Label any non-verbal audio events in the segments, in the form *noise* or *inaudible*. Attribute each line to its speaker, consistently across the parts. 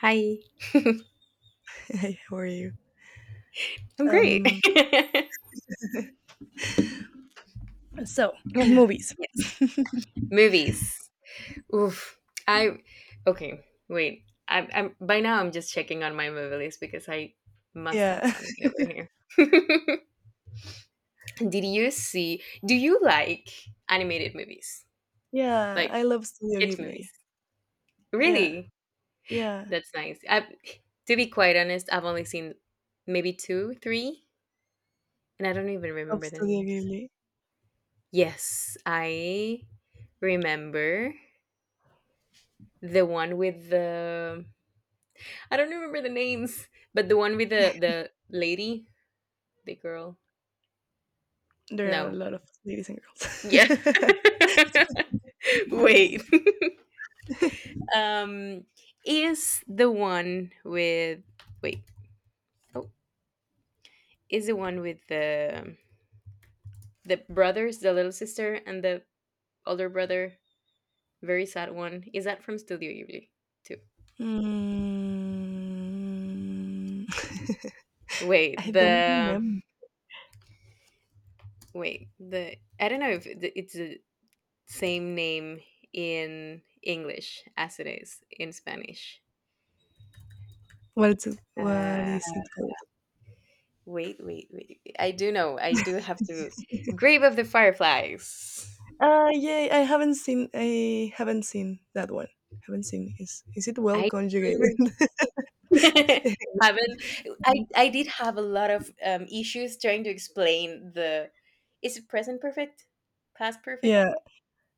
Speaker 1: Hi.
Speaker 2: Hey, how are you?
Speaker 1: I'm great.
Speaker 2: Um,
Speaker 1: *laughs*
Speaker 2: So, *clears throat*
Speaker 1: Yeah.
Speaker 2: Movies.
Speaker 1: Yes. Movies. Oof. I okay. Wait. I'm by now. I'm just checking on my movie list because I must have
Speaker 2: yeah,
Speaker 1: something over here. *laughs* Did you see? Do you like animated movies,
Speaker 2: *laughs* yeah,
Speaker 1: like
Speaker 2: I love Studio
Speaker 1: kids movies?
Speaker 2: Ghibli. Yeah,
Speaker 1: Really?
Speaker 2: yeah,
Speaker 1: That's nice. I, to be quite honest, I've only seen maybe two, three, and I don't even
Speaker 2: love
Speaker 1: remember the
Speaker 2: Studio
Speaker 1: names.
Speaker 2: Ghibli.
Speaker 1: Yes, I remember the one with the I don't remember the names, but the one with the lady, the girl.
Speaker 2: There are a
Speaker 1: No.
Speaker 2: lot of ladies and
Speaker 1: Yeah.
Speaker 2: girls. *laughs*
Speaker 1: *laughs* Wait. *laughs* um is the one with wait. Oh, is the one with the brothers, the little sister and the older brother, very sad one. Is that from Studio Ghibli too?
Speaker 2: mm, *laughs*
Speaker 1: Wait,
Speaker 2: I don't
Speaker 1: the
Speaker 2: remember
Speaker 1: wait, the I don't know if it's a same name in English as it is in Spanish.
Speaker 2: what it's, what
Speaker 1: Uh,
Speaker 2: is it called.
Speaker 1: wait. I do know. I do have to. Grave of the Fireflies.
Speaker 2: Yeah, I haven't seen that one. Haven't seen. Is it well
Speaker 1: I
Speaker 2: conjugated?
Speaker 1: remember. *laughs*
Speaker 2: *laughs*
Speaker 1: Haven't. I did have a lot of issues trying to explain the is it present perfect past perfect
Speaker 2: yeah,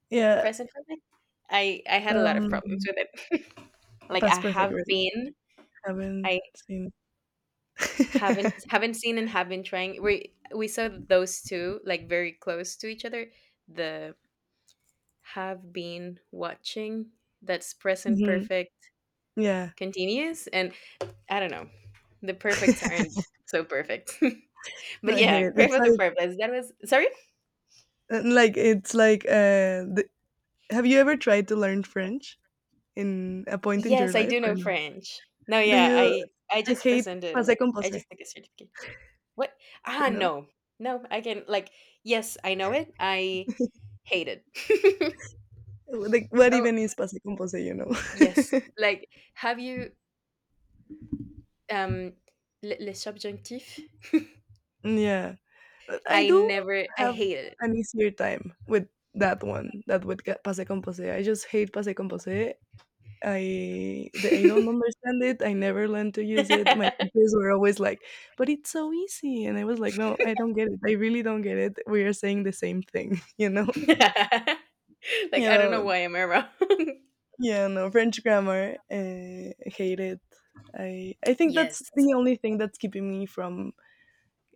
Speaker 2: yeah.
Speaker 1: present perfect I had a lot of
Speaker 2: Um,
Speaker 1: problems with it. *laughs* Like
Speaker 2: Past
Speaker 1: I
Speaker 2: perfect.
Speaker 1: have
Speaker 2: Really,
Speaker 1: been
Speaker 2: haven't
Speaker 1: I
Speaker 2: seen.
Speaker 1: Haven't
Speaker 2: *laughs*
Speaker 1: haven't seen and have been trying. We saw those two like very close to each other. The have been watching that's present
Speaker 2: Mhm.
Speaker 1: perfect
Speaker 2: Yeah.
Speaker 1: continuous and I don't know. The perfects
Speaker 2: *laughs*
Speaker 1: aren't so perfect. *laughs*
Speaker 2: No,
Speaker 1: But
Speaker 2: I hate
Speaker 1: yeah,
Speaker 2: it.
Speaker 1: Grave
Speaker 2: It's
Speaker 1: of the
Speaker 2: like
Speaker 1: Purpose. That was sorry?
Speaker 2: uh, like it's like uh the, have you ever tried to learn French in a point in your
Speaker 1: Yes, I
Speaker 2: life
Speaker 1: do
Speaker 2: or
Speaker 1: know
Speaker 2: no?
Speaker 1: French. No,
Speaker 2: Do
Speaker 1: yeah,
Speaker 2: you
Speaker 1: I
Speaker 2: I
Speaker 1: just
Speaker 2: hate
Speaker 1: presented
Speaker 2: passé
Speaker 1: like I
Speaker 2: composé,
Speaker 1: just took a certificate. What? Ah,
Speaker 2: you know?
Speaker 1: no, no, I can like yes, I know it. I hate it.
Speaker 2: Like what
Speaker 1: *laughs* Oh,
Speaker 2: even is passé composé, you know? *laughs*
Speaker 1: yes, like, have you, um, le le subjunctif?
Speaker 2: Yeah. But I
Speaker 1: I
Speaker 2: do
Speaker 1: never I
Speaker 2: have
Speaker 1: hate
Speaker 2: an easier time with that one, passé composé. I just hate passé composé. I don't understand it, I never learned to use it, my
Speaker 1: it.
Speaker 2: teachers were always like, "But it's so easy," and I was like, "No, I don't get it, I really don't get it, we are saying the same thing," *laughs* you know?
Speaker 1: *laughs* Like,
Speaker 2: You
Speaker 1: I don't know
Speaker 2: know
Speaker 1: why I'm around. *laughs*
Speaker 2: yeah, no, French grammar, hate it. I think that's
Speaker 1: Yes.
Speaker 2: the only thing that's keeping me from,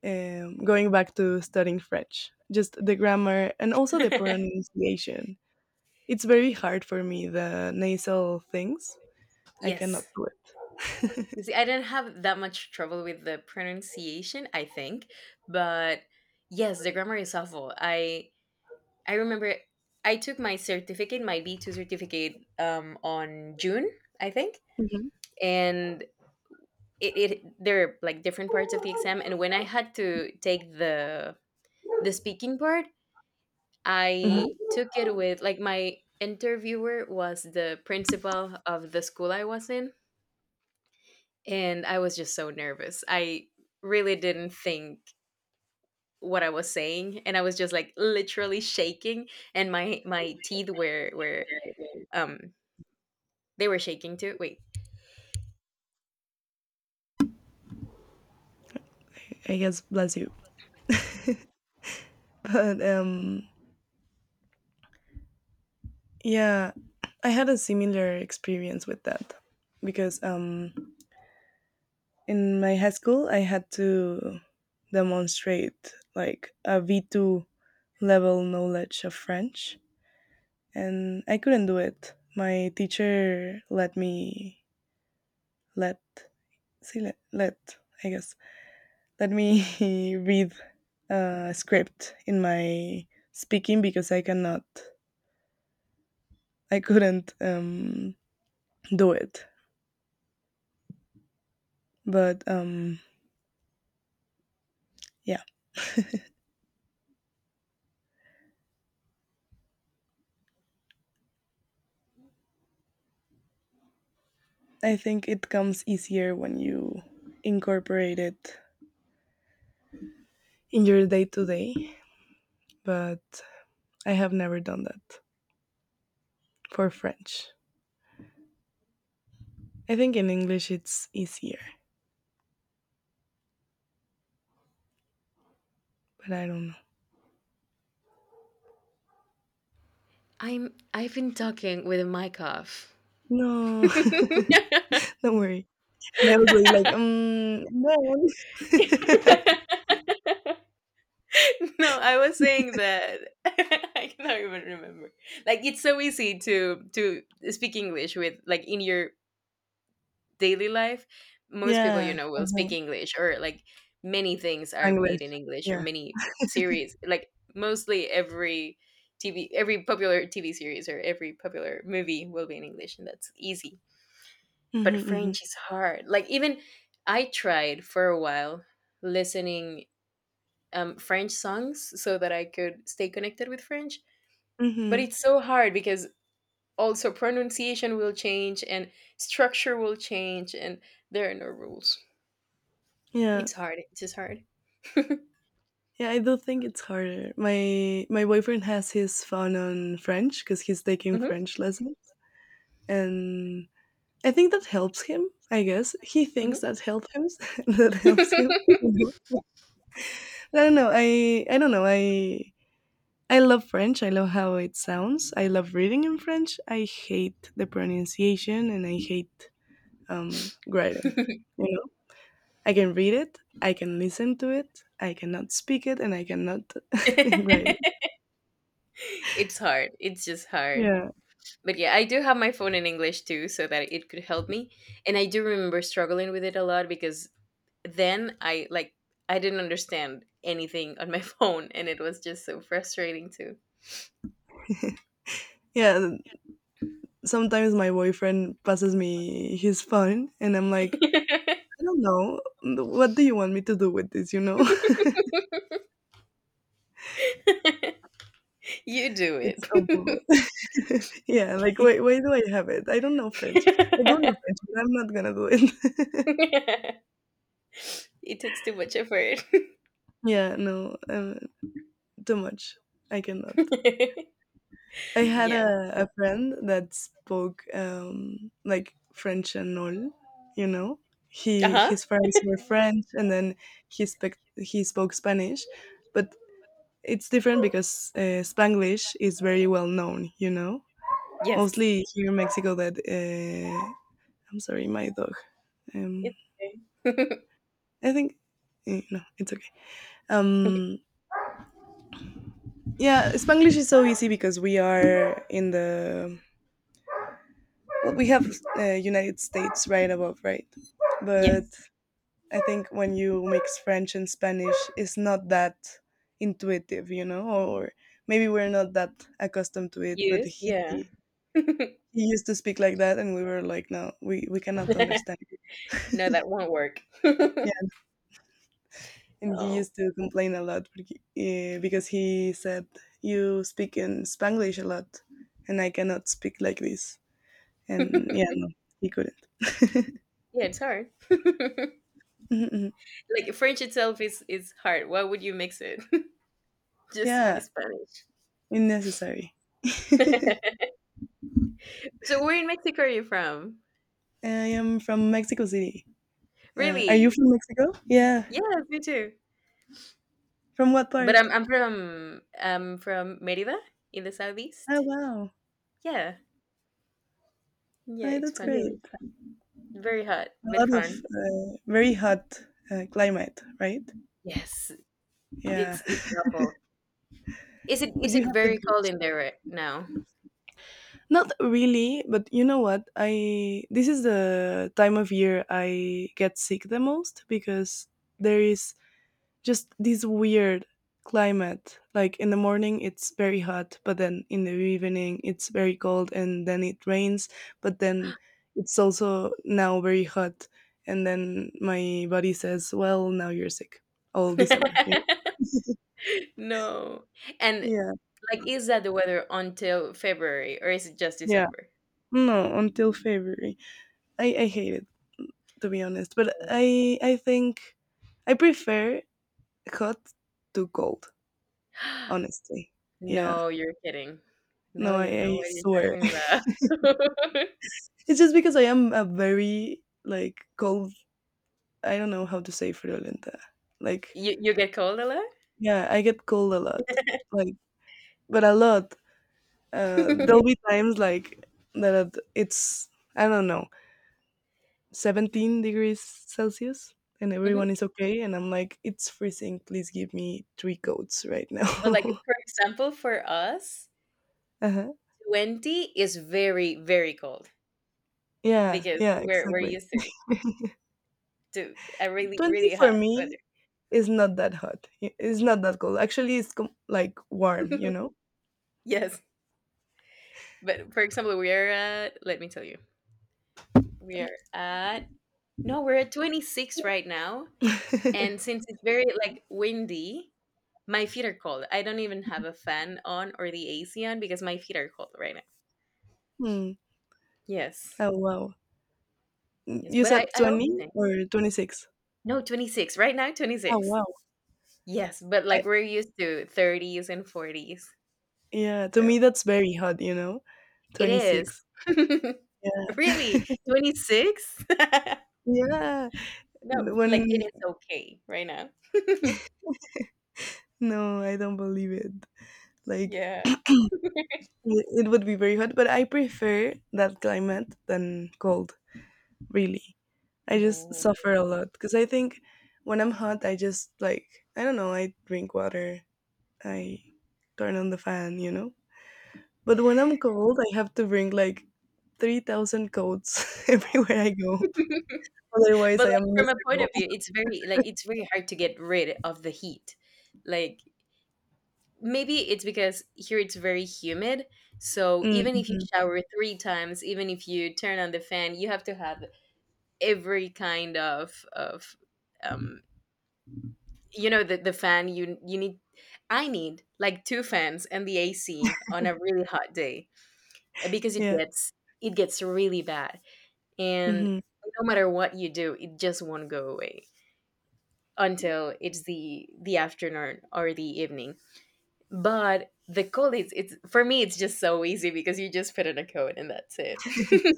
Speaker 2: going back to studying French, just the grammar and also the
Speaker 1: *laughs*
Speaker 2: pronunciation. It's very hard for me, the nasal things. I cannot
Speaker 1: Yes.
Speaker 2: do it.
Speaker 1: You see, I
Speaker 2: *laughs*
Speaker 1: didn't have that much trouble with the pronunciation, I think, but yes, the grammar is awful. I remember I took my certificate, my B2 certificate, on June, I think,
Speaker 2: Mhm,
Speaker 1: and it, it there are like different parts of the exam and when I had to take the speaking part I
Speaker 2: mhm.
Speaker 1: took it with like my interviewer was the principal of the school I was in, and I was just so nervous. I really didn't think what I was saying, and I was just like literally shaking, and my teeth were um they were shaking too wait.
Speaker 2: I guess bless you. *laughs* But yeah, I had a similar experience with that because in my high school I had to demonstrate like a v2 level knowledge of French and I couldn't do it. My teacher let me, let see let, let I guess, let me *laughs* read a script in my speaking because I couldn't, do it. But yeah, I think it comes easier when you incorporate it in your day to day, but I have never done that for French. I think in English it's easier, but I don't know.
Speaker 1: I've been talking with a mic off. *laughs*
Speaker 2: No, *laughs* don't worry. And I was like, no.
Speaker 1: *laughs* No, I was saying that *laughs* I cannot even remember. Like it's so easy to speak English with like in your daily life.
Speaker 2: *laughs*
Speaker 1: Most people you
Speaker 2: yeah,
Speaker 1: know will
Speaker 2: uh-huh.
Speaker 1: speak English or like many things are made in
Speaker 2: Spanglish.
Speaker 1: English or
Speaker 2: Yeah.
Speaker 1: many series like mostly every TV every popular TV series or every popular movie will be in English and that's easy. But
Speaker 2: Mm-hmm, mm-hmm,
Speaker 1: French is hard. Like even I tried for a while listening French songs so that I could stay connected with French. But
Speaker 2: mm-hmm.
Speaker 1: it's so hard because also pronunciation will change and structure will change, and there are no rules.
Speaker 2: Yeah.
Speaker 1: It's hard. It's just hard.
Speaker 2: Yeah, I do think it's harder. My boyfriend has his phone on French because he's taking
Speaker 1: Hmm.
Speaker 2: French lessons, and I think that helps him, I guess. He
Speaker 1: Hmm.
Speaker 2: thinks that helps him *laughs* that
Speaker 1: *laughs*
Speaker 2: helps him. Mhm. I don't know. I love French. I love how it sounds. I love reading in French. I hate the pronunciation and I hate writing. You know, I can read it. I can listen to it. I cannot speak it, and I cannot *laughs* write. It.
Speaker 1: It's hard. It's just hard.
Speaker 2: Yeah,
Speaker 1: But yeah, I do have my phone in English too, so that it could help me. And I do remember struggling with it a lot because then I like I didn't understand anything on my *laughs* phone, and it was just so frustrating too.
Speaker 2: *laughs* yeah. th- Sometimes my boyfriend passes me his phone, and I'm like, I don't know. What do you want me to do with this? You know.
Speaker 1: You do
Speaker 2: It's
Speaker 1: it.
Speaker 2: awful. *laughs* Yeah, why do I have it? I don't know French. I don't know
Speaker 1: *laughs*
Speaker 2: French, but I'm not gonna do it.
Speaker 1: It takes too much effort.
Speaker 2: *laughs* Yeah, no, too much. I cannot.
Speaker 1: *laughs*
Speaker 2: I had
Speaker 1: Yeah.
Speaker 2: a friend that spoke like French and all, you know. He
Speaker 1: Uh-huh.
Speaker 2: his friends were French, and then he spoke Spanish, but it's different because Spanglish is very well known, you know.
Speaker 1: Yes.
Speaker 2: Mostly here in Mexico, that I'm sorry, my dog. Um,
Speaker 1: It's okay.
Speaker 2: I think no, it's okay.
Speaker 1: *laughs*
Speaker 2: Um, yeah, Spanglish is so easy because we are in the well, we have United States right above, right? But
Speaker 1: Yes.
Speaker 2: I think when you mix French and Spanish, it's not that intuitive, you know, or maybe we're not that accustomed to it. But
Speaker 1: Use,
Speaker 2: he
Speaker 1: yeah.
Speaker 2: he
Speaker 1: *laughs*
Speaker 2: used to speak like that, and we were like, no, we cannot understand.
Speaker 1: No, that won't work. *laughs*
Speaker 2: And he
Speaker 1: Oh.
Speaker 2: used
Speaker 1: *laughs*
Speaker 2: to complain a lot because he said you speak in Spanglish a lot, and I cannot speak like this. And yeah, no, he couldn't.
Speaker 1: Yeah, it's hard. *laughs*
Speaker 2: Mhm, mhm.
Speaker 1: Like, French itself is hard. Why would you mix it? *laughs* Just
Speaker 2: Yeah,
Speaker 1: Spanish.
Speaker 2: unnecessary.
Speaker 1: *laughs* So where in Mexico are you from?
Speaker 2: I am from Mexico City. Are you
Speaker 1: Really?
Speaker 2: from Mexico? Yeah.
Speaker 1: Yes, me too.
Speaker 2: From what
Speaker 1: But
Speaker 2: part?
Speaker 1: I'm from Merida in the
Speaker 2: Oh
Speaker 1: southeast.
Speaker 2: wow,
Speaker 1: Yeah. Yeah,
Speaker 2: Ay,
Speaker 1: it's
Speaker 2: that's Yeah.
Speaker 1: fun.
Speaker 2: great.
Speaker 1: Very hot,
Speaker 2: A
Speaker 1: but
Speaker 2: lot of
Speaker 1: fun.
Speaker 2: very hot climate, right?
Speaker 1: Yes.
Speaker 2: Yeah,
Speaker 1: It's awful. Is it
Speaker 2: *laughs* but
Speaker 1: is
Speaker 2: you
Speaker 1: it
Speaker 2: have the
Speaker 1: very cold
Speaker 2: beach.
Speaker 1: in there right now?
Speaker 2: Not really, but you know what? I This is the time of year I get sick the most because there is just this weird climate. Like in the morning it's very hot, but then in the evening it's very cold and then it rains, but then it's also now very hot and then my body says, "Well, now you're sick." All December, you know.
Speaker 1: *laughs* No. And
Speaker 2: Yeah.
Speaker 1: like is that the weather until February or is it just
Speaker 2: Yeah.
Speaker 1: December?
Speaker 2: No, until February. I hate it, to be honest. But
Speaker 1: Yeah.
Speaker 2: I think I prefer hot to cold, honestly.
Speaker 1: *gasps*
Speaker 2: Yeah.
Speaker 1: No, you're kidding. No,
Speaker 2: No,
Speaker 1: you don't know
Speaker 2: I
Speaker 1: what you're
Speaker 2: swear.
Speaker 1: talking about.
Speaker 2: *laughs* It's just because I am a very like cold, I don't know how to say friolenta.
Speaker 1: *laughs*
Speaker 2: Like
Speaker 1: You get cold a lot?
Speaker 2: yeah, I get cold a lot. Like but a lot. There'll
Speaker 1: *laughs*
Speaker 2: be times like that it's I don't know, 17 degrees Celsius and
Speaker 1: Mhm.
Speaker 2: everyone is okay and I'm like it's freezing, please give me three coats right
Speaker 1: But like
Speaker 2: now. *laughs*
Speaker 1: for example, for us,
Speaker 2: Uh-huh.
Speaker 1: 20 is very, very cold
Speaker 2: Yeah,
Speaker 1: because
Speaker 2: yeah,
Speaker 1: we're
Speaker 2: exactly.
Speaker 1: used to a really,
Speaker 2: 20
Speaker 1: really
Speaker 2: for
Speaker 1: hot weather.
Speaker 2: me is not that hot. It's not that cold. Actually, like warm, you know?
Speaker 1: *laughs* Yes. But for example, we are at, let me tell you, we
Speaker 2: Ay.
Speaker 1: are at, no, we're at 26 right now. And
Speaker 2: *laughs*
Speaker 1: since it's very like windy, my feet are cold. I don't even have a fan on or the AC on because my feet are cold right now.
Speaker 2: hmm.
Speaker 1: Yes.
Speaker 2: Oh, wow.
Speaker 1: Yes.
Speaker 2: You
Speaker 1: But I,
Speaker 2: said
Speaker 1: I also
Speaker 2: 20
Speaker 1: think,
Speaker 2: or 26?
Speaker 1: no, 26. Right now,
Speaker 2: Oh,
Speaker 1: 26.
Speaker 2: wow.
Speaker 1: Yes. But
Speaker 2: I,
Speaker 1: like we're used to 30s and 40s.
Speaker 2: yeah, to
Speaker 1: So
Speaker 2: me, that's very hot, you know?
Speaker 1: it is.
Speaker 2: 26.
Speaker 1: *laughs*
Speaker 2: Yeah.
Speaker 1: Really? 26? *laughs*
Speaker 2: *laughs* yeah.
Speaker 1: No,
Speaker 2: When,
Speaker 1: like, it is okay right now.
Speaker 2: no, I don't believe it. Like,
Speaker 1: Yeah.
Speaker 2: it would be very hot, but I prefer that climate than cold, really. I just
Speaker 1: No.
Speaker 2: suffer
Speaker 1: *laughs*
Speaker 2: a lot because I think when I'm hot, I just like I don't know. I drink water. I turn on the fan, you know. But when I'm cold, I have to bring like 3,000 coats *laughs* everywhere I go. Otherwise,
Speaker 1: But,
Speaker 2: I am
Speaker 1: like, from a point
Speaker 2: miserable.
Speaker 1: of view, it's very like, it's very hard to get rid of the heat. Like, maybe it's because here it's very humid, so even if you
Speaker 2: Mm-hmm.
Speaker 1: shower 3 times, even if you turn on the fan, you have to have every kind of, um you know the fan you need I need like two fans and the AC on a really hot day. Because
Speaker 2: Yeah,
Speaker 1: it gets really bad, and
Speaker 2: hmm.
Speaker 1: no matter what you do it just won't go away until it's the afternoon or the evening. But the cold it's for me it's just so easy because you just put on a coat and that's it. *laughs* You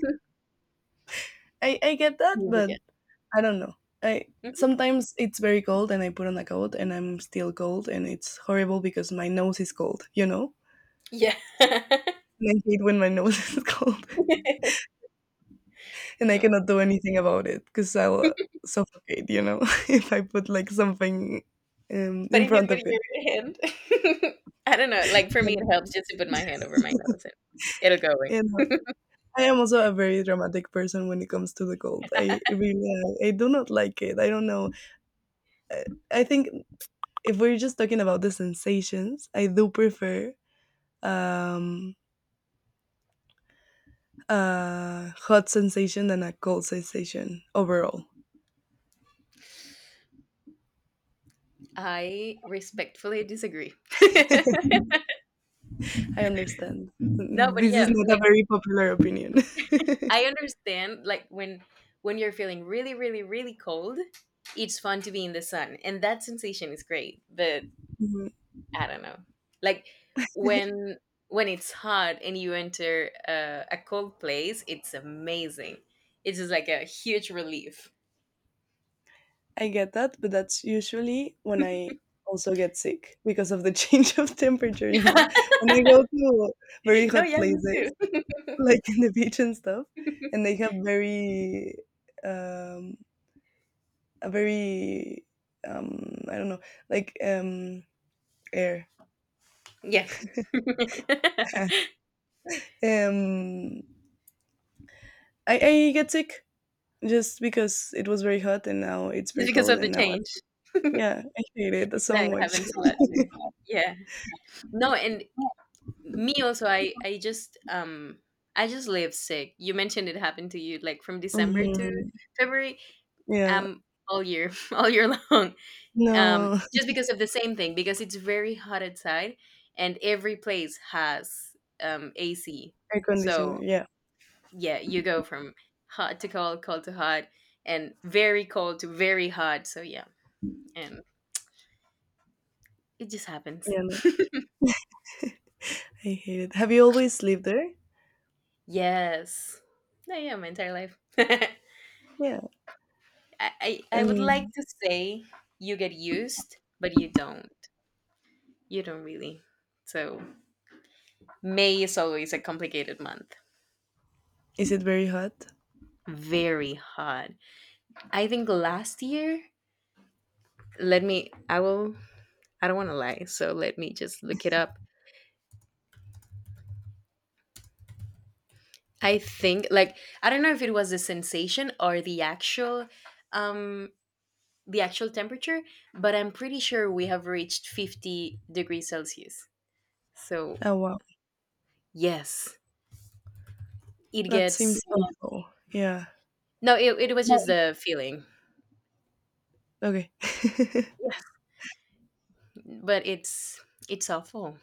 Speaker 2: I get that, but
Speaker 1: forget.
Speaker 2: I don't know. I
Speaker 1: Mhm.
Speaker 2: Sometimes it's very cold and I put on a coat and I'm still cold and it's horrible because my nose is cold. You know,
Speaker 1: Yeah.
Speaker 2: and I hate when my nose *laughs* is cold. And
Speaker 1: *laughs*
Speaker 2: I
Speaker 1: No.
Speaker 2: cannot do anything about it because I'll suffocate, you know, *laughs* if I put like something,
Speaker 1: But
Speaker 2: in
Speaker 1: if you
Speaker 2: front
Speaker 1: put
Speaker 2: of it.
Speaker 1: your hand *laughs* I don't know, like, for me, it
Speaker 2: And,
Speaker 1: helps just to put my hand over my nose and it'll go
Speaker 2: and
Speaker 1: away.
Speaker 2: I am also a very dramatic person when it comes to the cold. I really, I do not like it. I don't know. I, I think if we're just talking about the sensations, I do prefer um a hot sensation than a cold sensation overall.
Speaker 1: *laughs* I respectfully disagree. *laughs*
Speaker 2: I understand
Speaker 1: No, but
Speaker 2: this is
Speaker 1: yeah,
Speaker 2: not a
Speaker 1: like,
Speaker 2: very popular opinion.
Speaker 1: I
Speaker 2: *laughs*
Speaker 1: understand, like, when you're feeling really, really, really cold, it's fun to be in the sun, and that sensation is great, but
Speaker 2: Mhm.
Speaker 1: I don't know. Like, when when it's hot and you enter a cold place, it's amazing. It's just like a huge relief.
Speaker 2: I get that, but that's usually when I also get sick because of the *laughs* change of temperature, you know?
Speaker 1: *laughs*
Speaker 2: When I go to very
Speaker 1: No,
Speaker 2: hot
Speaker 1: yeah, me too.
Speaker 2: places, *laughs* like in the beach and stuff, and
Speaker 1: *laughs*
Speaker 2: they have um, a very, I don't know, like um, air.
Speaker 1: Yeah. *laughs*
Speaker 2: *laughs*
Speaker 1: Just
Speaker 2: um, I get sick just because it was very hot and now it's very
Speaker 1: because
Speaker 2: cold
Speaker 1: of the
Speaker 2: and
Speaker 1: change.
Speaker 2: yeah, I hate it
Speaker 1: No,
Speaker 2: so
Speaker 1: it
Speaker 2: much.
Speaker 1: happens a lot too. Yeah. No, and me also I just I just live sick. You mentioned it happened to you like from
Speaker 2: *laughs*
Speaker 1: December to
Speaker 2: hmm.
Speaker 1: February,
Speaker 2: Yeah.
Speaker 1: um all year. *laughs* All year long. Um,
Speaker 2: No,
Speaker 1: just because of the same thing because it's very hot outside and every place has AC.
Speaker 2: *laughs* air conditioner.
Speaker 1: So,
Speaker 2: Yeah.
Speaker 1: yeah, you go from hot to cold, cold to hot and very cold to very hot. So, yeah. And it just happens.
Speaker 2: Yeah, no, I hate it. Have you always lived there?
Speaker 1: Yes. Yeah, yeah, my entire life. *laughs*
Speaker 2: Yeah.
Speaker 1: I would like
Speaker 2: And
Speaker 1: to say you get used, but you don't. You don't really. So May is always a complicated month.
Speaker 2: is it very hot?
Speaker 1: Very hot. I think last year, let me I will I don't wanna lie, so let me just look it up. I think like I don't know if it was the sensation or um the actual temperature, but I'm pretty sure we have reached 50 degrees Celsius. So,
Speaker 2: Oh wow,
Speaker 1: yes, it
Speaker 2: that seems
Speaker 1: gets
Speaker 2: Yeah. awful. Yeah.
Speaker 1: No, it was
Speaker 2: No,
Speaker 1: just the feeling.
Speaker 2: okay. *laughs*
Speaker 1: Yeah. But it's awful.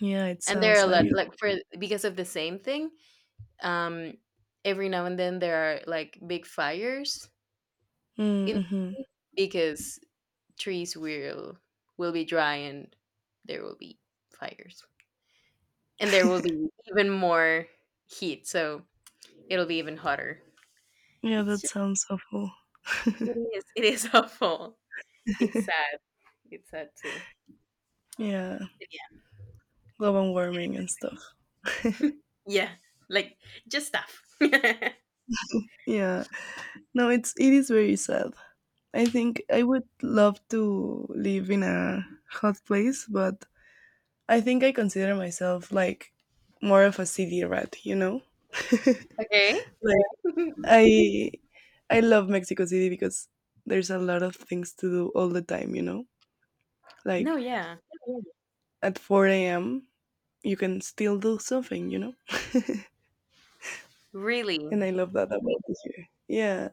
Speaker 2: yeah, it
Speaker 1: And there are
Speaker 2: sounds
Speaker 1: a
Speaker 2: like
Speaker 1: lot
Speaker 2: it.
Speaker 1: like for because of the same thing, um every now and then there are like big fires in
Speaker 2: Mm-hmm.
Speaker 1: because trees will be dry and there will be fires. And there will be even more heat, so it'll be even hotter.
Speaker 2: Yeah,
Speaker 1: It's
Speaker 2: that
Speaker 1: just
Speaker 2: sounds awful.
Speaker 1: it is *laughs* awful. It's sad. It's sad too.
Speaker 2: Yeah,
Speaker 1: Yeah.
Speaker 2: global warming and stuff.
Speaker 1: Yeah. Like just stuff. *laughs*
Speaker 2: Yeah. No, it's it is very sad. I think I would love to live in a hot place, but I think I consider myself like more of a city rat. You know.
Speaker 1: Okay.
Speaker 2: Like,
Speaker 1: *laughs*
Speaker 2: I I love Mexico City because there's a lot of things to do all the time, you know?
Speaker 1: No,
Speaker 2: Like
Speaker 1: yeah.
Speaker 2: at 4 a.m., you can still do something, you know?
Speaker 1: Really.
Speaker 2: And I love that about this year. Yeah.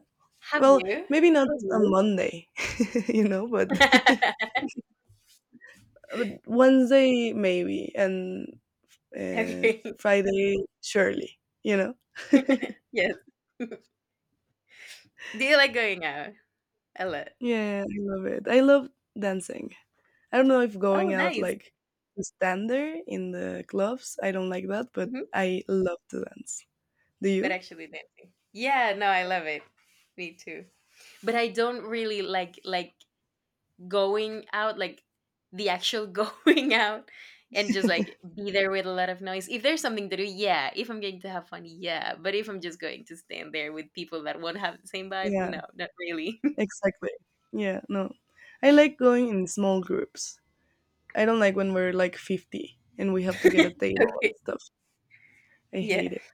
Speaker 1: Have
Speaker 2: Well,
Speaker 1: you?
Speaker 2: maybe not on Monday, *laughs* you know,
Speaker 1: *laughs*
Speaker 2: but Wednesday, maybe, and
Speaker 1: Okay.
Speaker 2: Friday, surely, you know?
Speaker 1: Yes. *laughs* Do you like going out a lot?
Speaker 2: Yeah, I love it. I love dancing. I don't know if
Speaker 1: Oh,
Speaker 2: going out
Speaker 1: nice.
Speaker 2: like to stand there in the clubs, I don't like that, but
Speaker 1: Hmm.
Speaker 2: I love to dance. Do
Speaker 1: But
Speaker 2: you?
Speaker 1: actually dancing. Yeah, no, I love it. Me too. But I don't really like going out, like the actual *laughs* going out, and just like be there with a lot of noise. If there's something to do, yeah. If I'm going to have fun, yeah. But if I'm just going to stand there with people that won't have the same vibe,
Speaker 2: Yeah,
Speaker 1: no, not really.
Speaker 2: exactly. Yeah, no. I like going in small groups. I don't like when we're like 50 and we have to get a
Speaker 1: *laughs*
Speaker 2: table
Speaker 1: Okay.
Speaker 2: and stuff. I hate
Speaker 1: Yeah.
Speaker 2: it.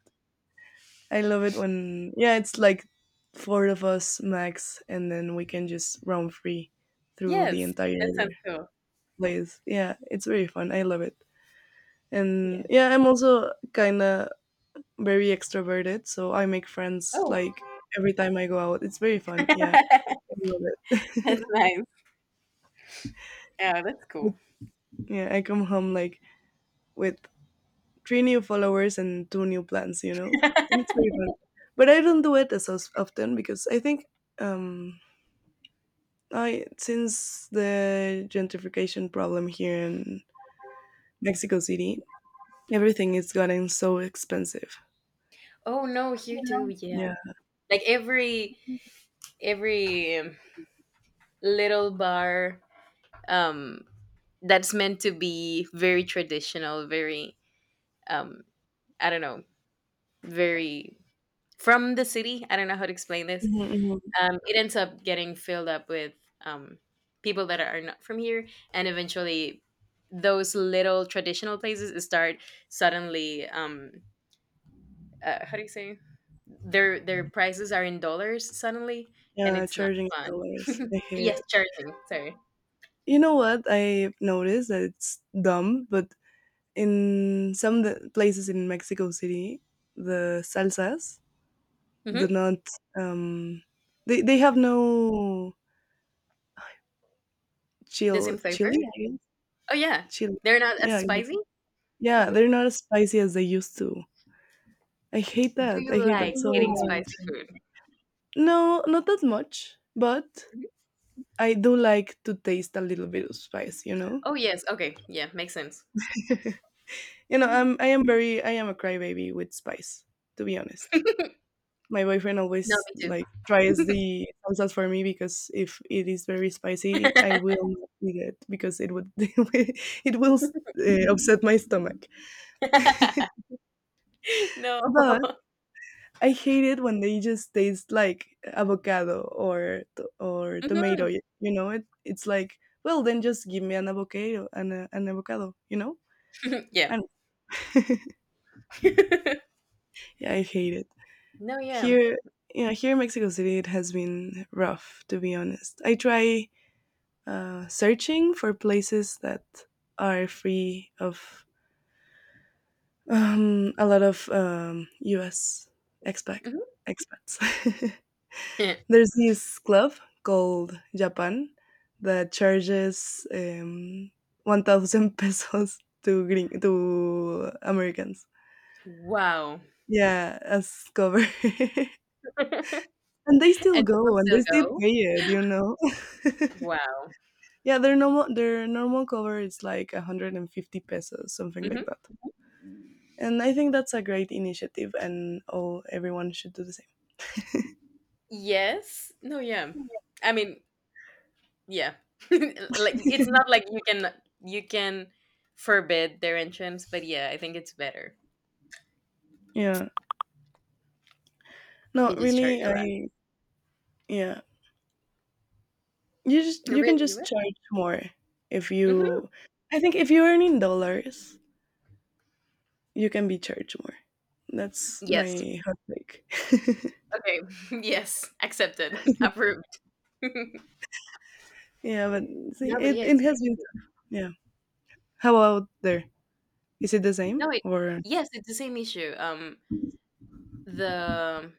Speaker 2: I love it when, yeah, it's like four of us max, and then we can just roam free through the
Speaker 1: Yes.
Speaker 2: entire
Speaker 1: That sounds
Speaker 2: year.
Speaker 1: cool.
Speaker 2: Place. Yeah, it's very fun. I love it. And
Speaker 1: Yeah.
Speaker 2: yeah, I'm also kind of very extroverted, so I make friends
Speaker 1: Oh,
Speaker 2: like every time I go out. It's very fun. Yeah,
Speaker 1: *laughs*
Speaker 2: I love it.
Speaker 1: that's nice. Yeah, that's cool.
Speaker 2: *laughs* yeah, I come home like with three new followers and two new plans, you know, and it's very fun. But I don't do it as often because I think um, I since the gentrification problem here in Mexico City, everything is getting so expensive.
Speaker 1: Oh no, here too. Yeah,
Speaker 2: Yeah.
Speaker 1: like every little bar um that's meant to be very traditional, very um I don't know, very from the city. I don't know how to explain this.
Speaker 2: Mhm, mhm.
Speaker 1: It ends up getting filled up with um people that are not from here, and eventually those little traditional places start suddenly how do you say their prices are in dollars suddenly. And
Speaker 2: Yeah,
Speaker 1: it's not
Speaker 2: charging in
Speaker 1: fun
Speaker 2: dollars. I hate
Speaker 1: yes
Speaker 2: it.
Speaker 1: charging sorry.
Speaker 2: You know what? I've noticed that it's dumb, but in some the places in Mexico City, the salsas do
Speaker 1: Hmm.
Speaker 2: not. Um, they have no
Speaker 1: The
Speaker 2: chill
Speaker 1: same flavor.
Speaker 2: chili. I guess.
Speaker 1: Oh yeah.
Speaker 2: Chili.
Speaker 1: They're not
Speaker 2: Yeah,
Speaker 1: as
Speaker 2: exact-
Speaker 1: spicy.
Speaker 2: yeah.
Speaker 1: Hmm.
Speaker 2: They're not as spicy as they used to. I hate
Speaker 1: Do
Speaker 2: that.
Speaker 1: you
Speaker 2: I hate that
Speaker 1: like
Speaker 2: so, ooh,
Speaker 1: eating
Speaker 2: much.
Speaker 1: spicy food?
Speaker 2: No, not that much, but
Speaker 1: Mhm.
Speaker 2: I do like to taste a little bit of spice, you know.
Speaker 1: Oh yes, okay, yeah, makes sense.
Speaker 2: *laughs* You know,
Speaker 1: Mhm.
Speaker 2: I am a crybaby with spice, to be honest. My boyfriend
Speaker 1: No,
Speaker 2: always
Speaker 1: me too.
Speaker 2: like tries the salsas for me because if it is very spicy, I will not eat it because it would *laughs* it will upset my stomach. *laughs*
Speaker 1: *laughs* No.
Speaker 2: But I hate it when they just taste like avocado or or tomato.
Speaker 1: Mhm.
Speaker 2: You know, it's like, well then just give me an avocado an avocado. You know,
Speaker 1: Yeah.
Speaker 2: and *laughs*
Speaker 1: *laughs*
Speaker 2: yeah, I hate it.
Speaker 1: No, yeah.
Speaker 2: Here, yeah, here in Mexico City, it has been rough, to be honest. I try searching for places that are free of a lot of U.S. expat
Speaker 1: Mhm.
Speaker 2: expats. *laughs*
Speaker 1: *laughs*
Speaker 2: There's this club called Japan that charges 1,000 *laughs* pesos to Americans.
Speaker 1: Wow.
Speaker 2: Yeah, as cover. *laughs* And they
Speaker 1: *laughs*
Speaker 2: still
Speaker 1: And people
Speaker 2: go and they
Speaker 1: still
Speaker 2: still
Speaker 1: go,
Speaker 2: pay it, you know?
Speaker 1: "Wow."
Speaker 2: Yeah, their normal cover is like 150 pesos, something like
Speaker 1: Mhm.
Speaker 2: that. And I think that's a great initiative and, oh, everyone should do the same.
Speaker 1: Yes. No, yeah. I mean, yeah. *laughs* Like, it's not like you can forbid their entrance, but yeah, I think it's better
Speaker 2: Yeah. No,
Speaker 1: to just charge
Speaker 2: really,
Speaker 1: a lot.
Speaker 2: I yeah. You just you can
Speaker 1: Really? You
Speaker 2: just
Speaker 1: would?
Speaker 2: charge more if you
Speaker 1: Mhm.
Speaker 2: I think if you earn in dollars, you can be charged more. That's
Speaker 1: Yes.
Speaker 2: my hot take.
Speaker 1: Okay. *laughs* Yes. Accepted. *laughs* Approved. *laughs*
Speaker 2: *laughs* Yeah, but see,
Speaker 1: No, but
Speaker 2: it,
Speaker 1: yeah,
Speaker 2: it
Speaker 1: it's
Speaker 2: has been,
Speaker 1: crazy.
Speaker 2: yeah. How about there? Is it the same
Speaker 1: No, it
Speaker 2: or
Speaker 1: yes, it's the same issue. The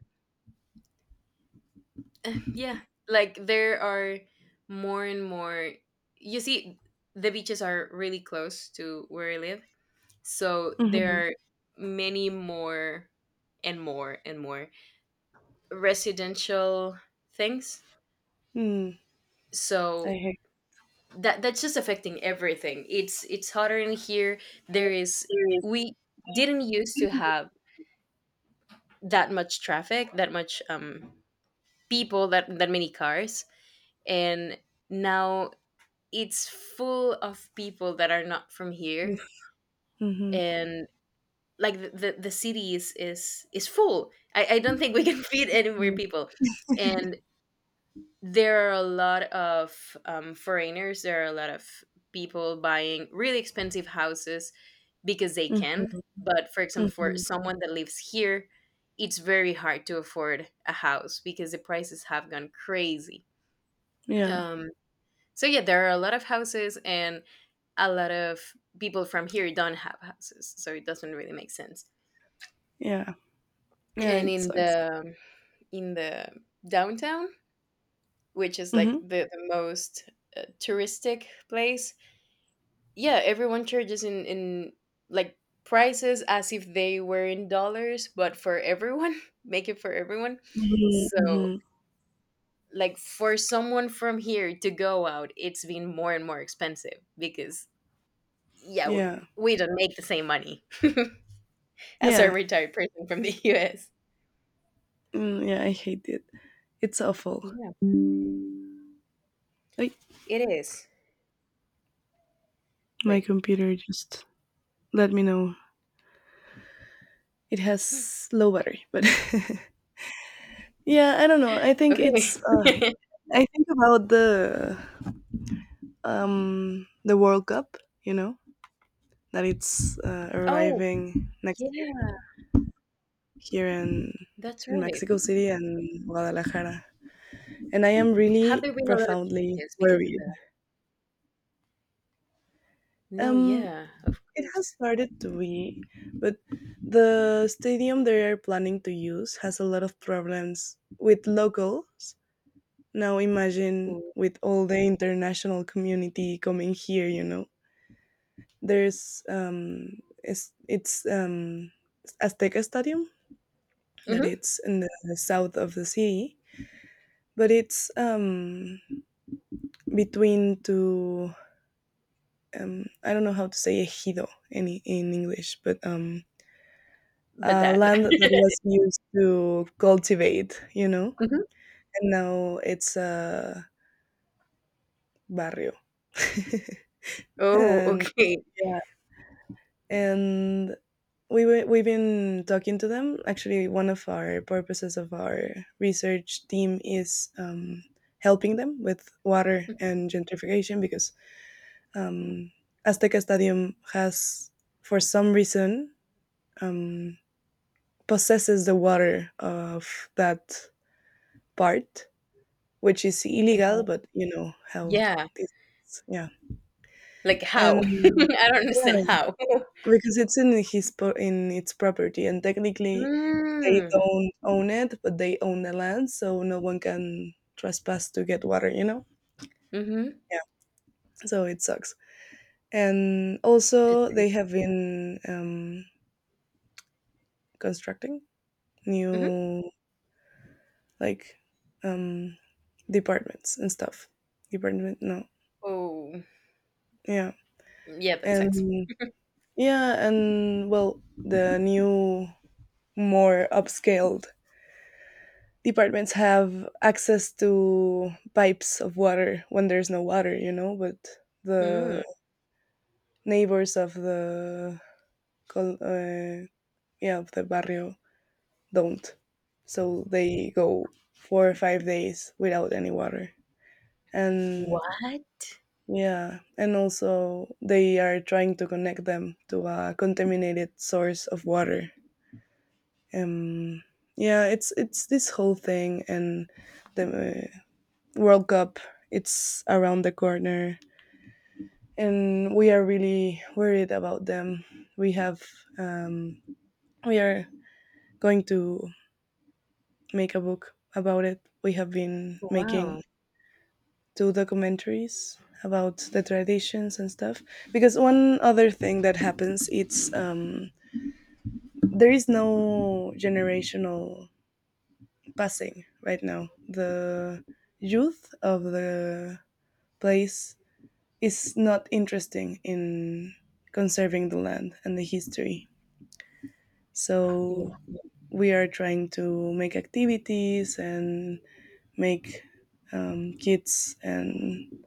Speaker 1: Yeah, like there are more and more. You see, the beaches are really close to where I live, so
Speaker 2: Mhm.
Speaker 1: there are many more and more and more residential things.
Speaker 2: mm
Speaker 1: So
Speaker 2: I
Speaker 1: that's just affecting everything. It's hotter in here.
Speaker 2: have
Speaker 1: There is
Speaker 2: experience.
Speaker 1: We didn't used to have that much traffic, that much people that many cars, and now it's full of people that are not from here,
Speaker 2: Mm-hmm.
Speaker 1: and like the city is full. I don't think we can *laughs* feed any more people, and there are a lot of foreigners. There are a lot of people buying really expensive houses because they
Speaker 2: Mhm,
Speaker 1: can, but for example for
Speaker 2: mhm.
Speaker 1: someone that lives here, it's very hard to afford a house because the prices have gone crazy.
Speaker 2: Yeah,
Speaker 1: um So yeah, there are a lot of houses, and a lot of people from here don't have houses, so it doesn't really make sense.
Speaker 2: yeah. Yeah,
Speaker 1: And
Speaker 2: it
Speaker 1: in
Speaker 2: sucks.
Speaker 1: the in the downtown, which is like
Speaker 2: Mhm.
Speaker 1: the most touristic place, yeah, everyone charges in like prices as if they were in dollars, but for everyone, *laughs* make it for everyone.
Speaker 2: Mhm,
Speaker 1: So
Speaker 2: mhm.
Speaker 1: like for someone from here to go out, it's been more and more expensive because, yeah,
Speaker 2: Yeah.
Speaker 1: we don't make the same money as a
Speaker 2: Yeah.
Speaker 1: retired person from the US.
Speaker 2: Mm, yeah, I hate it. It's awful.
Speaker 1: Yeah,
Speaker 2: Ay,
Speaker 1: it is.
Speaker 2: my
Speaker 1: Wait,
Speaker 2: computer just let me know. It has low battery, but *laughs* yeah, I don't know. I think
Speaker 1: okay.
Speaker 2: it's uh, I think about the World Cup, you know, that it's
Speaker 1: *laughs* Oh,
Speaker 2: arriving next year
Speaker 1: yeah,
Speaker 2: here in
Speaker 1: that's
Speaker 2: in
Speaker 1: right.
Speaker 2: Mexico City and Guadalajara. And I am
Speaker 1: Have
Speaker 2: really
Speaker 1: there been a lot of
Speaker 2: profoundly
Speaker 1: changes because of
Speaker 2: worried.
Speaker 1: that? No,
Speaker 2: Um,
Speaker 1: yeah, of
Speaker 2: it has
Speaker 1: course.
Speaker 2: started to be, but the stadium they are planning to use has a lot of problems with locals. Now imagine with all the international community coming here, you know. There's um it's Azteca Stadium that
Speaker 1: Mm-hmm.
Speaker 2: it's in the south of the city, but it's between two, I don't know how to say ejido in English, but
Speaker 1: But that.
Speaker 2: land that
Speaker 1: *laughs*
Speaker 2: was used to cultivate, you know,
Speaker 1: Mhm.
Speaker 2: and now it's a barrio. *laughs*
Speaker 1: Oh,
Speaker 2: And
Speaker 1: okay.
Speaker 2: yeah, and we've been talking to them. Actually, one of our purposes of our research team is helping them with water and gentrification because um, Azteca Stadium has, for some reason, um, possesses the water of that part, which is illegal,
Speaker 1: Wow.
Speaker 2: but you know how
Speaker 1: Yeah,
Speaker 2: this is. Yeah.
Speaker 1: like how? *laughs* I
Speaker 2: And
Speaker 1: don't understand
Speaker 2: yeah,
Speaker 1: how. *laughs*
Speaker 2: because it's in its property, and technically they
Speaker 1: Mm.
Speaker 2: don't own it, but they own the land, so no one can trespass to get water. You know,
Speaker 1: Mm-hmm.
Speaker 2: yeah. So it sucks. And
Speaker 1: That's
Speaker 2: also, they
Speaker 1: crazy.
Speaker 2: have been constructing
Speaker 1: Mm-hmm.
Speaker 2: new, like um, departments and stuff. Department, no.
Speaker 1: Oh,
Speaker 2: Yeah.
Speaker 1: yeah, that sucks.
Speaker 2: And yeah, and well, the new, more upscaled departments have access to pipes of water when there's no water, you know, but the
Speaker 1: Mm.
Speaker 2: neighbors of the col- uh, yeah, of the barrio don't. So they go 4 or 5 days without any water. And
Speaker 1: What?
Speaker 2: yeah, and also they are trying to connect them to a contaminated source of water. Um, yeah, it's this whole thing, and the uh, World Cup, it's around the corner, and we are really worried about them. We have um, we are going to make a book about it. We have been making
Speaker 1: Wow.
Speaker 2: two documentaries about the traditions and stuff because one other thing that happens, it's there is no generational passing right now. The youth of the place is not interesting in conserving the land and the history. So we are trying to make activities and make kids and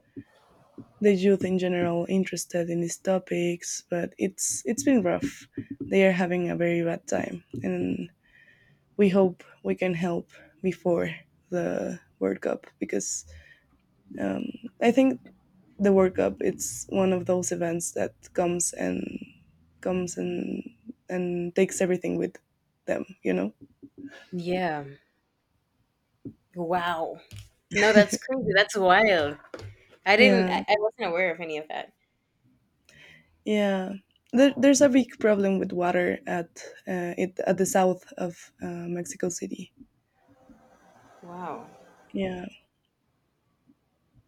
Speaker 2: the youth in general interested in these topics. But it's been rough. They are having a very bad time, and we hope we can help before the World Cup because I think the World Cup, it's one of those events that comes and comes and takes everything with them. You know.
Speaker 1: Yeah. Wow. No, that's crazy. That's wild. I didn't.
Speaker 2: Yeah,
Speaker 1: I wasn't aware of any of that.
Speaker 2: yeah. There,
Speaker 1: Wow.
Speaker 2: there's a big problem with water at it at the south of Mexico City.
Speaker 1: Wow.
Speaker 2: Yeah,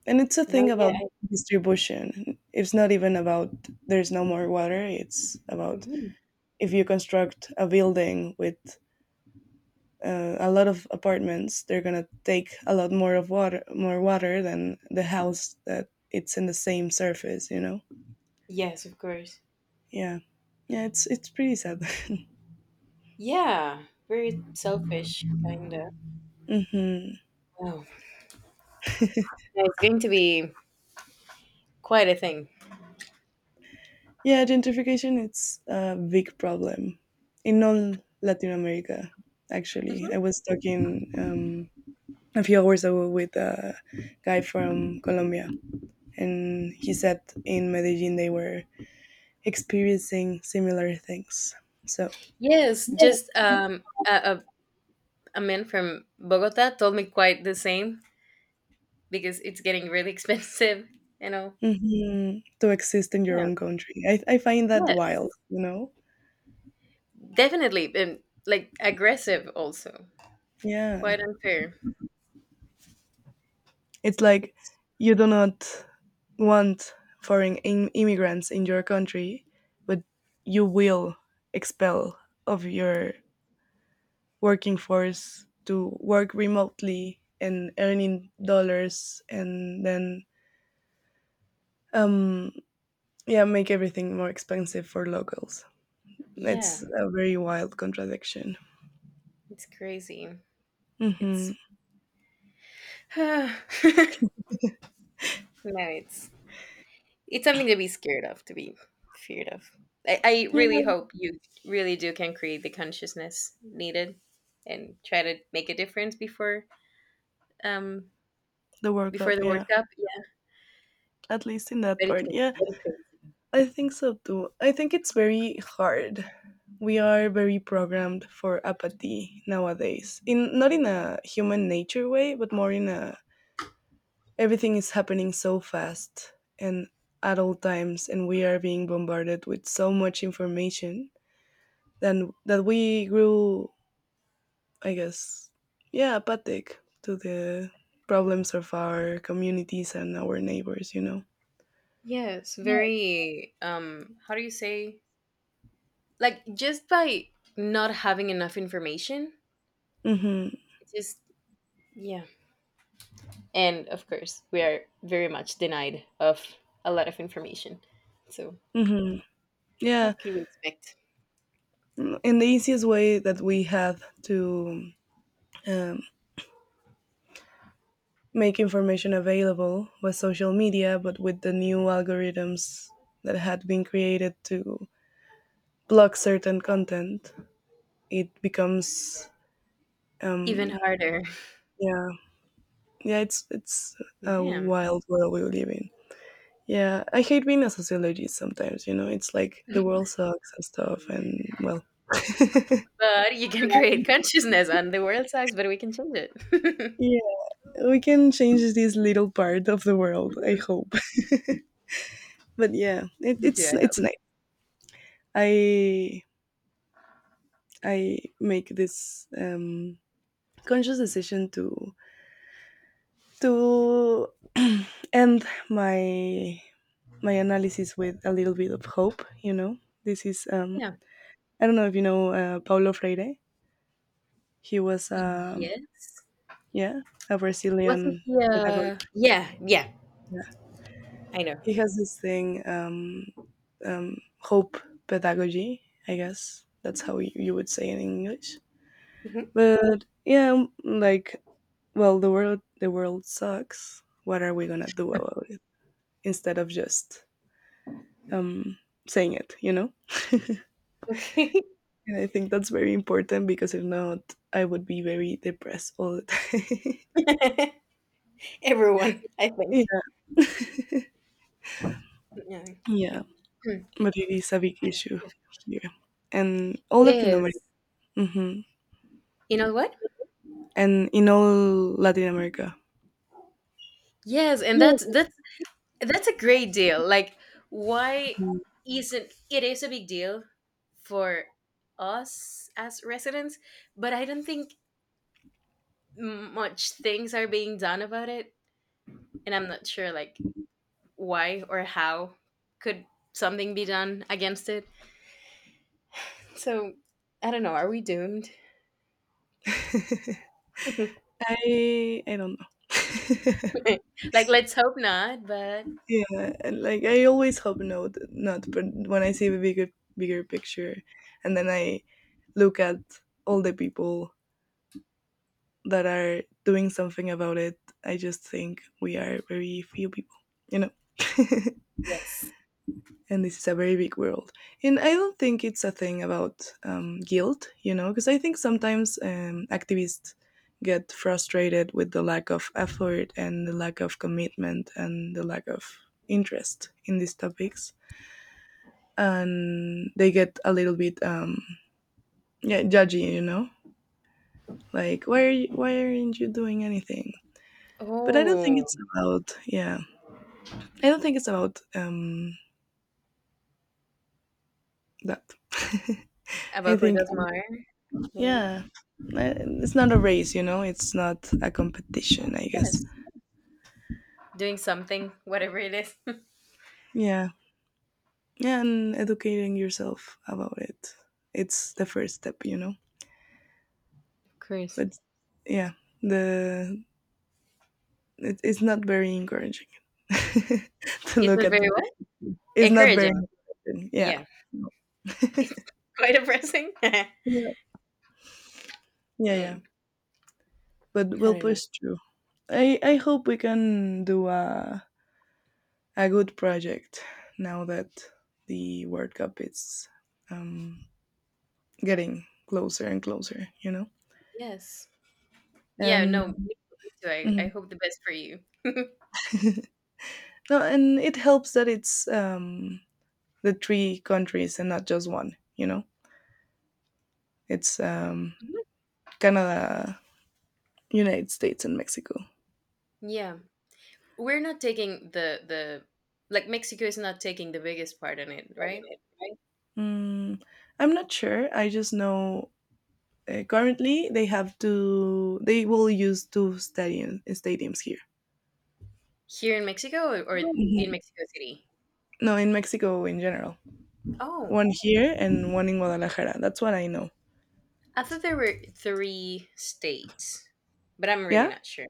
Speaker 2: and it's a
Speaker 1: No.
Speaker 2: thing about
Speaker 1: Yeah.
Speaker 2: distribution. It's not even about there's no more water. It's about
Speaker 1: Mhm.
Speaker 2: if you construct a building with a lot of apartments, they're gonna take a lot more of water, more water than the house that it's in the same surface, you know.
Speaker 1: Yes, of course.
Speaker 2: Yeah, yeah, it's pretty sad.
Speaker 1: Yeah. Very selfish, kind of.
Speaker 2: *laughs* Hmm.
Speaker 1: Wow. Yeah, it's going to be quite a thing.
Speaker 2: Yeah, gentrification, it's a big problem in all Latin America. Actually,
Speaker 1: Mhm.
Speaker 2: I was talking a few hours ago with a guy from Colombia, and he said in Medellin they were experiencing similar things, so
Speaker 1: Yes. Just a man from Bogota told me quite the same because it's getting really *laughs* expensive. You know.
Speaker 2: Mhm. To exist in your
Speaker 1: Yeah.
Speaker 2: own country. I find that
Speaker 1: Yes.
Speaker 2: wild, you know?
Speaker 1: Definitely. And like aggressive also.
Speaker 2: Yeah.
Speaker 1: Quite unfair.
Speaker 2: It's like
Speaker 1: It's
Speaker 2: you do not want foreign im immigrants in your country, but you will expel of your working force to work remotely and earning dollars and then, um, yeah, make everything more expensive for locals.
Speaker 1: Yeah,
Speaker 2: It's a very wild contradiction.
Speaker 1: it's crazy.
Speaker 2: Mhm.
Speaker 1: It's *laughs* *sighs* no, it's it's something to be scared of, to be feared of. I
Speaker 2: Yeah,
Speaker 1: really hope you really do can create the consciousness needed and try to make a difference um
Speaker 2: the World
Speaker 1: before
Speaker 2: Cup,
Speaker 1: the World
Speaker 2: yeah.
Speaker 1: Cup. Yeah,
Speaker 2: At least in that
Speaker 1: but it's
Speaker 2: part.
Speaker 1: gonna
Speaker 2: Yeah,
Speaker 1: be crazy.
Speaker 2: I think so too. I think it's very hard. We are very programmed for apathy nowadays. In Not in a human nature way, but more in a everything is happening so fast and at all times, and we are being bombarded with so much information then that we grew, I guess, yeah, apathic to the problems of our communities and our neighbors, you know.
Speaker 1: Yeah, it's
Speaker 2: Yeah.
Speaker 1: very how do you say, like just by not having enough information,
Speaker 2: Mhm.
Speaker 1: it's just yeah. And of course we are very much denied of a lot of information, so
Speaker 2: Mhm. Yeah.
Speaker 1: what could we expect?
Speaker 2: And the easiest way that we had to um, make information available was social media, but with the new algorithms that had been created to block certain content, it becomes
Speaker 1: Even
Speaker 2: um,
Speaker 1: harder.
Speaker 2: yeah, yeah, it's a
Speaker 1: Damn.
Speaker 2: wild world we live in. Yeah, I hate being a sociologist sometimes. You know, it's like the world
Speaker 1: *laughs*
Speaker 2: sucks and stuff, and well. *laughs*
Speaker 1: But you can create consciousness, and the world sucks, but we can change it. *laughs*
Speaker 2: Yeah, we can change this little part of the world, I
Speaker 1: Mhm.
Speaker 2: hope. But yeah, it,
Speaker 1: Me too,
Speaker 2: it's
Speaker 1: I hope.
Speaker 2: it's nice. I i make this conscious decision to end my analysis with a little bit of hope, you know. This is
Speaker 1: Yeah.
Speaker 2: I don't know if you know Paulo Freire. He was
Speaker 1: Yes.
Speaker 2: yeah, a
Speaker 1: Wasn't
Speaker 2: Brazilian
Speaker 1: he,
Speaker 2: pedagogy.
Speaker 1: yeah, yeah,
Speaker 2: Yeah.
Speaker 1: I know.
Speaker 2: He has this thing, hope pedagogy, I guess that's how you would say it in English,
Speaker 1: Mhm.
Speaker 2: but yeah, like, well, the world sucks, what are we going to do about it, instead of just um, saying it, you know.
Speaker 1: Okay.
Speaker 2: And I think that's very important because if not, I would be very depressed all the time.
Speaker 1: *laughs* Everyone, I
Speaker 2: *laughs* Yeah.
Speaker 1: think. Yeah.
Speaker 2: Yeah.
Speaker 1: Hmm.
Speaker 2: But it is a big
Speaker 1: It's
Speaker 2: issue
Speaker 1: pretty-
Speaker 2: here and all
Speaker 1: it
Speaker 2: Latin America.
Speaker 1: is.
Speaker 2: Hmm.
Speaker 1: You know what,
Speaker 2: And in all Latin America.
Speaker 1: yes. And that's
Speaker 2: Yes.
Speaker 1: that's That's a great deal. Like, why
Speaker 2: Mhm.
Speaker 1: isn't it is a big deal for us as residents, but I don't think much things are being done about it, and I'm not sure like why or how could something be done against it. So I don't know. Are we doomed?
Speaker 2: *laughs*
Speaker 1: *laughs*
Speaker 2: I don't know. *laughs*
Speaker 1: Like, let's hope not. But
Speaker 2: Yeah, and like I always hope no, not. But when I see the bigger picture, and then I look at all the people that are doing something about it, I just think we are very few people, you know. *laughs*
Speaker 1: yes.
Speaker 2: And this is a very big world, and I don't think it's a thing about guilt, you know, because I think sometimes activists get frustrated with the lack of effort and the lack of commitment and the lack of interest in these topics, and they get a little bit yeah, judgy, you know, like why aren't you doing anything? But I don't think
Speaker 1: Oh,
Speaker 2: it's about, yeah. I don't think it's about that. *laughs* I
Speaker 1: about who
Speaker 2: think,
Speaker 1: does more? Maybe,
Speaker 2: yeah, it's not a race, you know. It's not a competition, I guess.
Speaker 1: yes. Doing something, whatever it is. *laughs* Of
Speaker 2: Yeah, yeah, and educating yourself about it. It's the first step, you know.
Speaker 1: course.
Speaker 2: But yeah, the it's not very encouraging, *laughs* to
Speaker 1: It
Speaker 2: look
Speaker 1: was
Speaker 2: at the.
Speaker 1: very what?
Speaker 2: It's not very
Speaker 1: Encouraging.
Speaker 2: motivating. Yeah.
Speaker 1: Yeah. *laughs* It's quite depressing. *laughs*
Speaker 2: Yeah, yeah, yeah.
Speaker 1: Mm,
Speaker 2: But
Speaker 1: I
Speaker 2: we'll
Speaker 1: don't know.
Speaker 2: push through. I hope we can do a good project now that the World Cup is um, getting closer and closer, you know?
Speaker 1: Yes. Yeah,
Speaker 2: And
Speaker 1: no, me too. I
Speaker 2: mhm.
Speaker 1: hope the best for you.
Speaker 2: *laughs* No, and it helps that it's the three countries and not just one, you know? It's
Speaker 1: Mhm.
Speaker 2: Canada, United States, and Mexico.
Speaker 1: Yeah. We're not taking the like Mexico is not taking the biggest part in it, right?
Speaker 2: Mm, I'm not sure. I just know currently, they have to they will use two stadiums here.
Speaker 1: Here in Mexico, or in
Speaker 2: Mhm.
Speaker 1: Mexico City?
Speaker 2: No, in Mexico in general,
Speaker 1: Oh,
Speaker 2: one here and one in Guadalajara. That's what I know.
Speaker 1: I thought there were three states, but I'm really
Speaker 2: Yeah,
Speaker 1: not sure.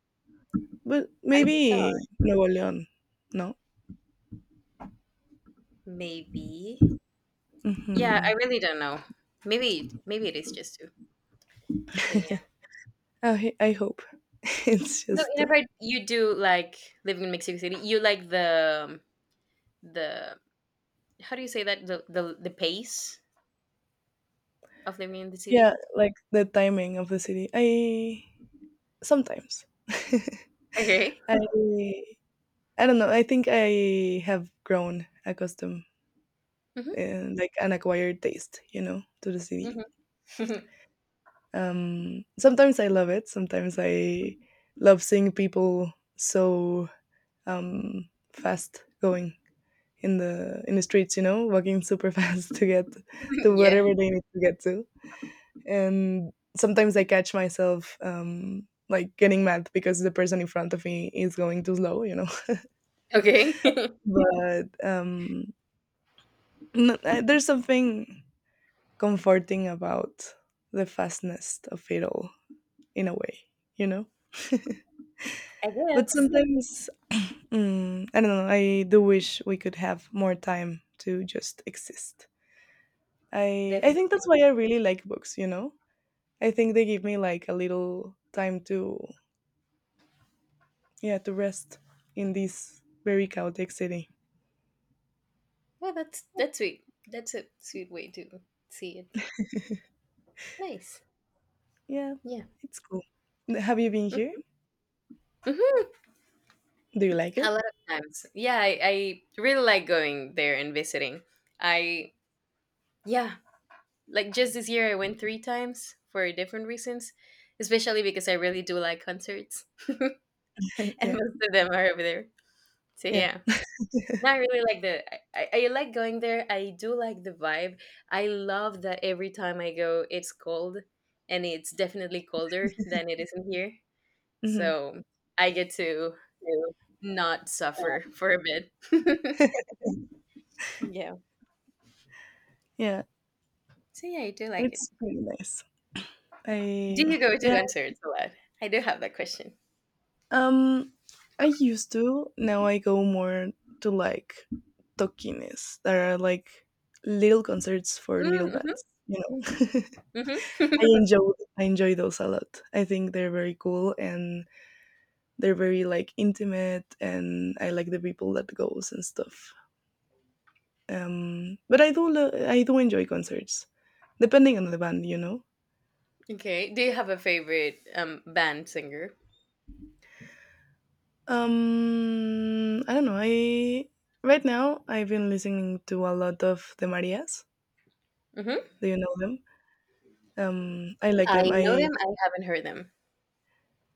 Speaker 2: but
Speaker 1: I thought
Speaker 2: maybe Nuevo León. No.
Speaker 1: maybe. Yeah, I
Speaker 2: Hmm.
Speaker 1: really don't know. Maybe it is just two. But yeah.
Speaker 2: I hope *laughs* it's
Speaker 1: So
Speaker 2: just
Speaker 1: in a
Speaker 2: two.
Speaker 1: about, you do like living in Mexico City. You like, the how do you say, the pace of living in the
Speaker 2: Yeah,
Speaker 1: city.
Speaker 2: like the timing of the city. I sometimes.
Speaker 1: Okay.
Speaker 2: *laughs* I I don't know. I think I have grown accustomed
Speaker 1: Hmm.
Speaker 2: and like an acquired taste, you know, to the city.
Speaker 1: Hmm.
Speaker 2: Sometimes I love it. Sometimes I love seeing people so fast going in the streets. You know, walking super *laughs* fast to get to
Speaker 1: *laughs* Yeah.
Speaker 2: wherever they need to get to. And sometimes I catch myself like getting mad because the person in front of me is going too slow. You know,
Speaker 1: Okay.
Speaker 2: *laughs*
Speaker 1: *laughs*
Speaker 2: but there's something comforting about the fastness of it all in a way. You know. *laughs*
Speaker 1: I
Speaker 2: But
Speaker 1: guess.
Speaker 2: sometimes, *clears throat* I don't know. I do wish we could have more time to just exist. I
Speaker 1: Definitely.
Speaker 2: think that's why I really like books. You know, I think they give me like a little time to rest in this very chaotic city.
Speaker 1: Well, that's sweet. That's a sweet way to see it. Nice.
Speaker 2: Yeah,
Speaker 1: Yeah.
Speaker 2: it's cool. Have you been here?
Speaker 1: *laughs* Hmm.
Speaker 2: Do you like
Speaker 1: A
Speaker 2: it?
Speaker 1: lot of times. Yeah, I really like going there and visiting. I Yeah, like just this year I went three times for different reasons, especially because I really do like concerts, *laughs*
Speaker 2: *laughs*
Speaker 1: and
Speaker 2: Yeah,
Speaker 1: most of them are over there. So
Speaker 2: yeah,
Speaker 1: yeah, no, I really like. The. I like going there. I do like the vibe. I love that every time I go, it's cold, and it's definitely colder than it is in here.
Speaker 2: hmm.
Speaker 1: So I get to not suffer
Speaker 2: Uh,
Speaker 1: for a bit. *laughs* Yeah.
Speaker 2: yeah.
Speaker 1: So yeah, I do like it.
Speaker 2: It's pretty nice.
Speaker 1: Do you
Speaker 2: I
Speaker 1: go to
Speaker 2: yeah.
Speaker 1: concerts a lot? I do have that question.
Speaker 2: Um, I used to. Now I go more to like tokines that are like little concerts for little
Speaker 1: Mm-hmm.
Speaker 2: bands. You know, *laughs*
Speaker 1: Mm-hmm.
Speaker 2: I
Speaker 1: *laughs*
Speaker 2: enjoy I enjoy those a lot. I think they're very cool and they're very like intimate, and I like the people that goes and stuff. But I do enjoy concerts, depending on the band. You know.
Speaker 1: Okay. Do you have a favorite band singer?
Speaker 2: I don't know. I right now I've been listening to a lot of the Marias.
Speaker 1: Hmm.
Speaker 2: Do you know them? I like them.
Speaker 1: I know them. I haven't heard them.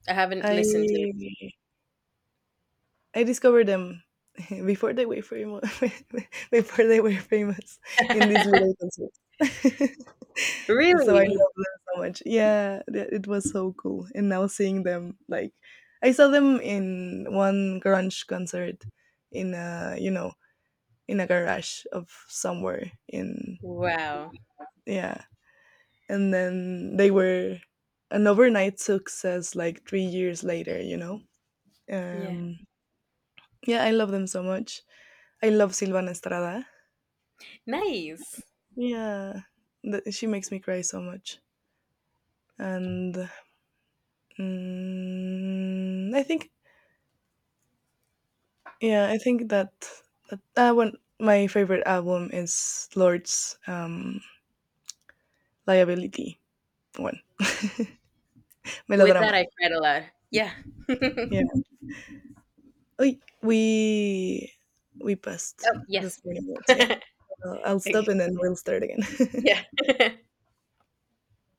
Speaker 1: I haven't
Speaker 2: I
Speaker 1: listened to
Speaker 2: I discovered them *laughs* before they were famous. *laughs* Before they were famous in these
Speaker 1: them.
Speaker 2: little concerts.
Speaker 1: *laughs*
Speaker 2: *laughs* So I
Speaker 1: Really?
Speaker 2: love them so much. Yeah, it was so cool. And now seeing them, like, I saw them in one grunge concert in a garage of somewhere in
Speaker 1: Wow.
Speaker 2: yeah. And then they were an overnight success like 3 years later, you know?
Speaker 1: Yeah.
Speaker 2: Um, yeah, I love them so much. I love Silvana Estrada.
Speaker 1: Nice.
Speaker 2: Yeah, she makes me cry so much. And mm, I think, yeah, I think that, that one, my favorite album is Lord's Liability one. *laughs*
Speaker 1: With that,
Speaker 2: Melodrama.
Speaker 1: I cried a lot. Yeah. *laughs* Oh,
Speaker 2: Yeah. Oy, we passed the
Speaker 1: yes.
Speaker 2: 40
Speaker 1: *laughs*
Speaker 2: minutes. Yeah.
Speaker 1: Okay.
Speaker 2: I'll stop and then we'll start again. *laughs*
Speaker 1: Yeah.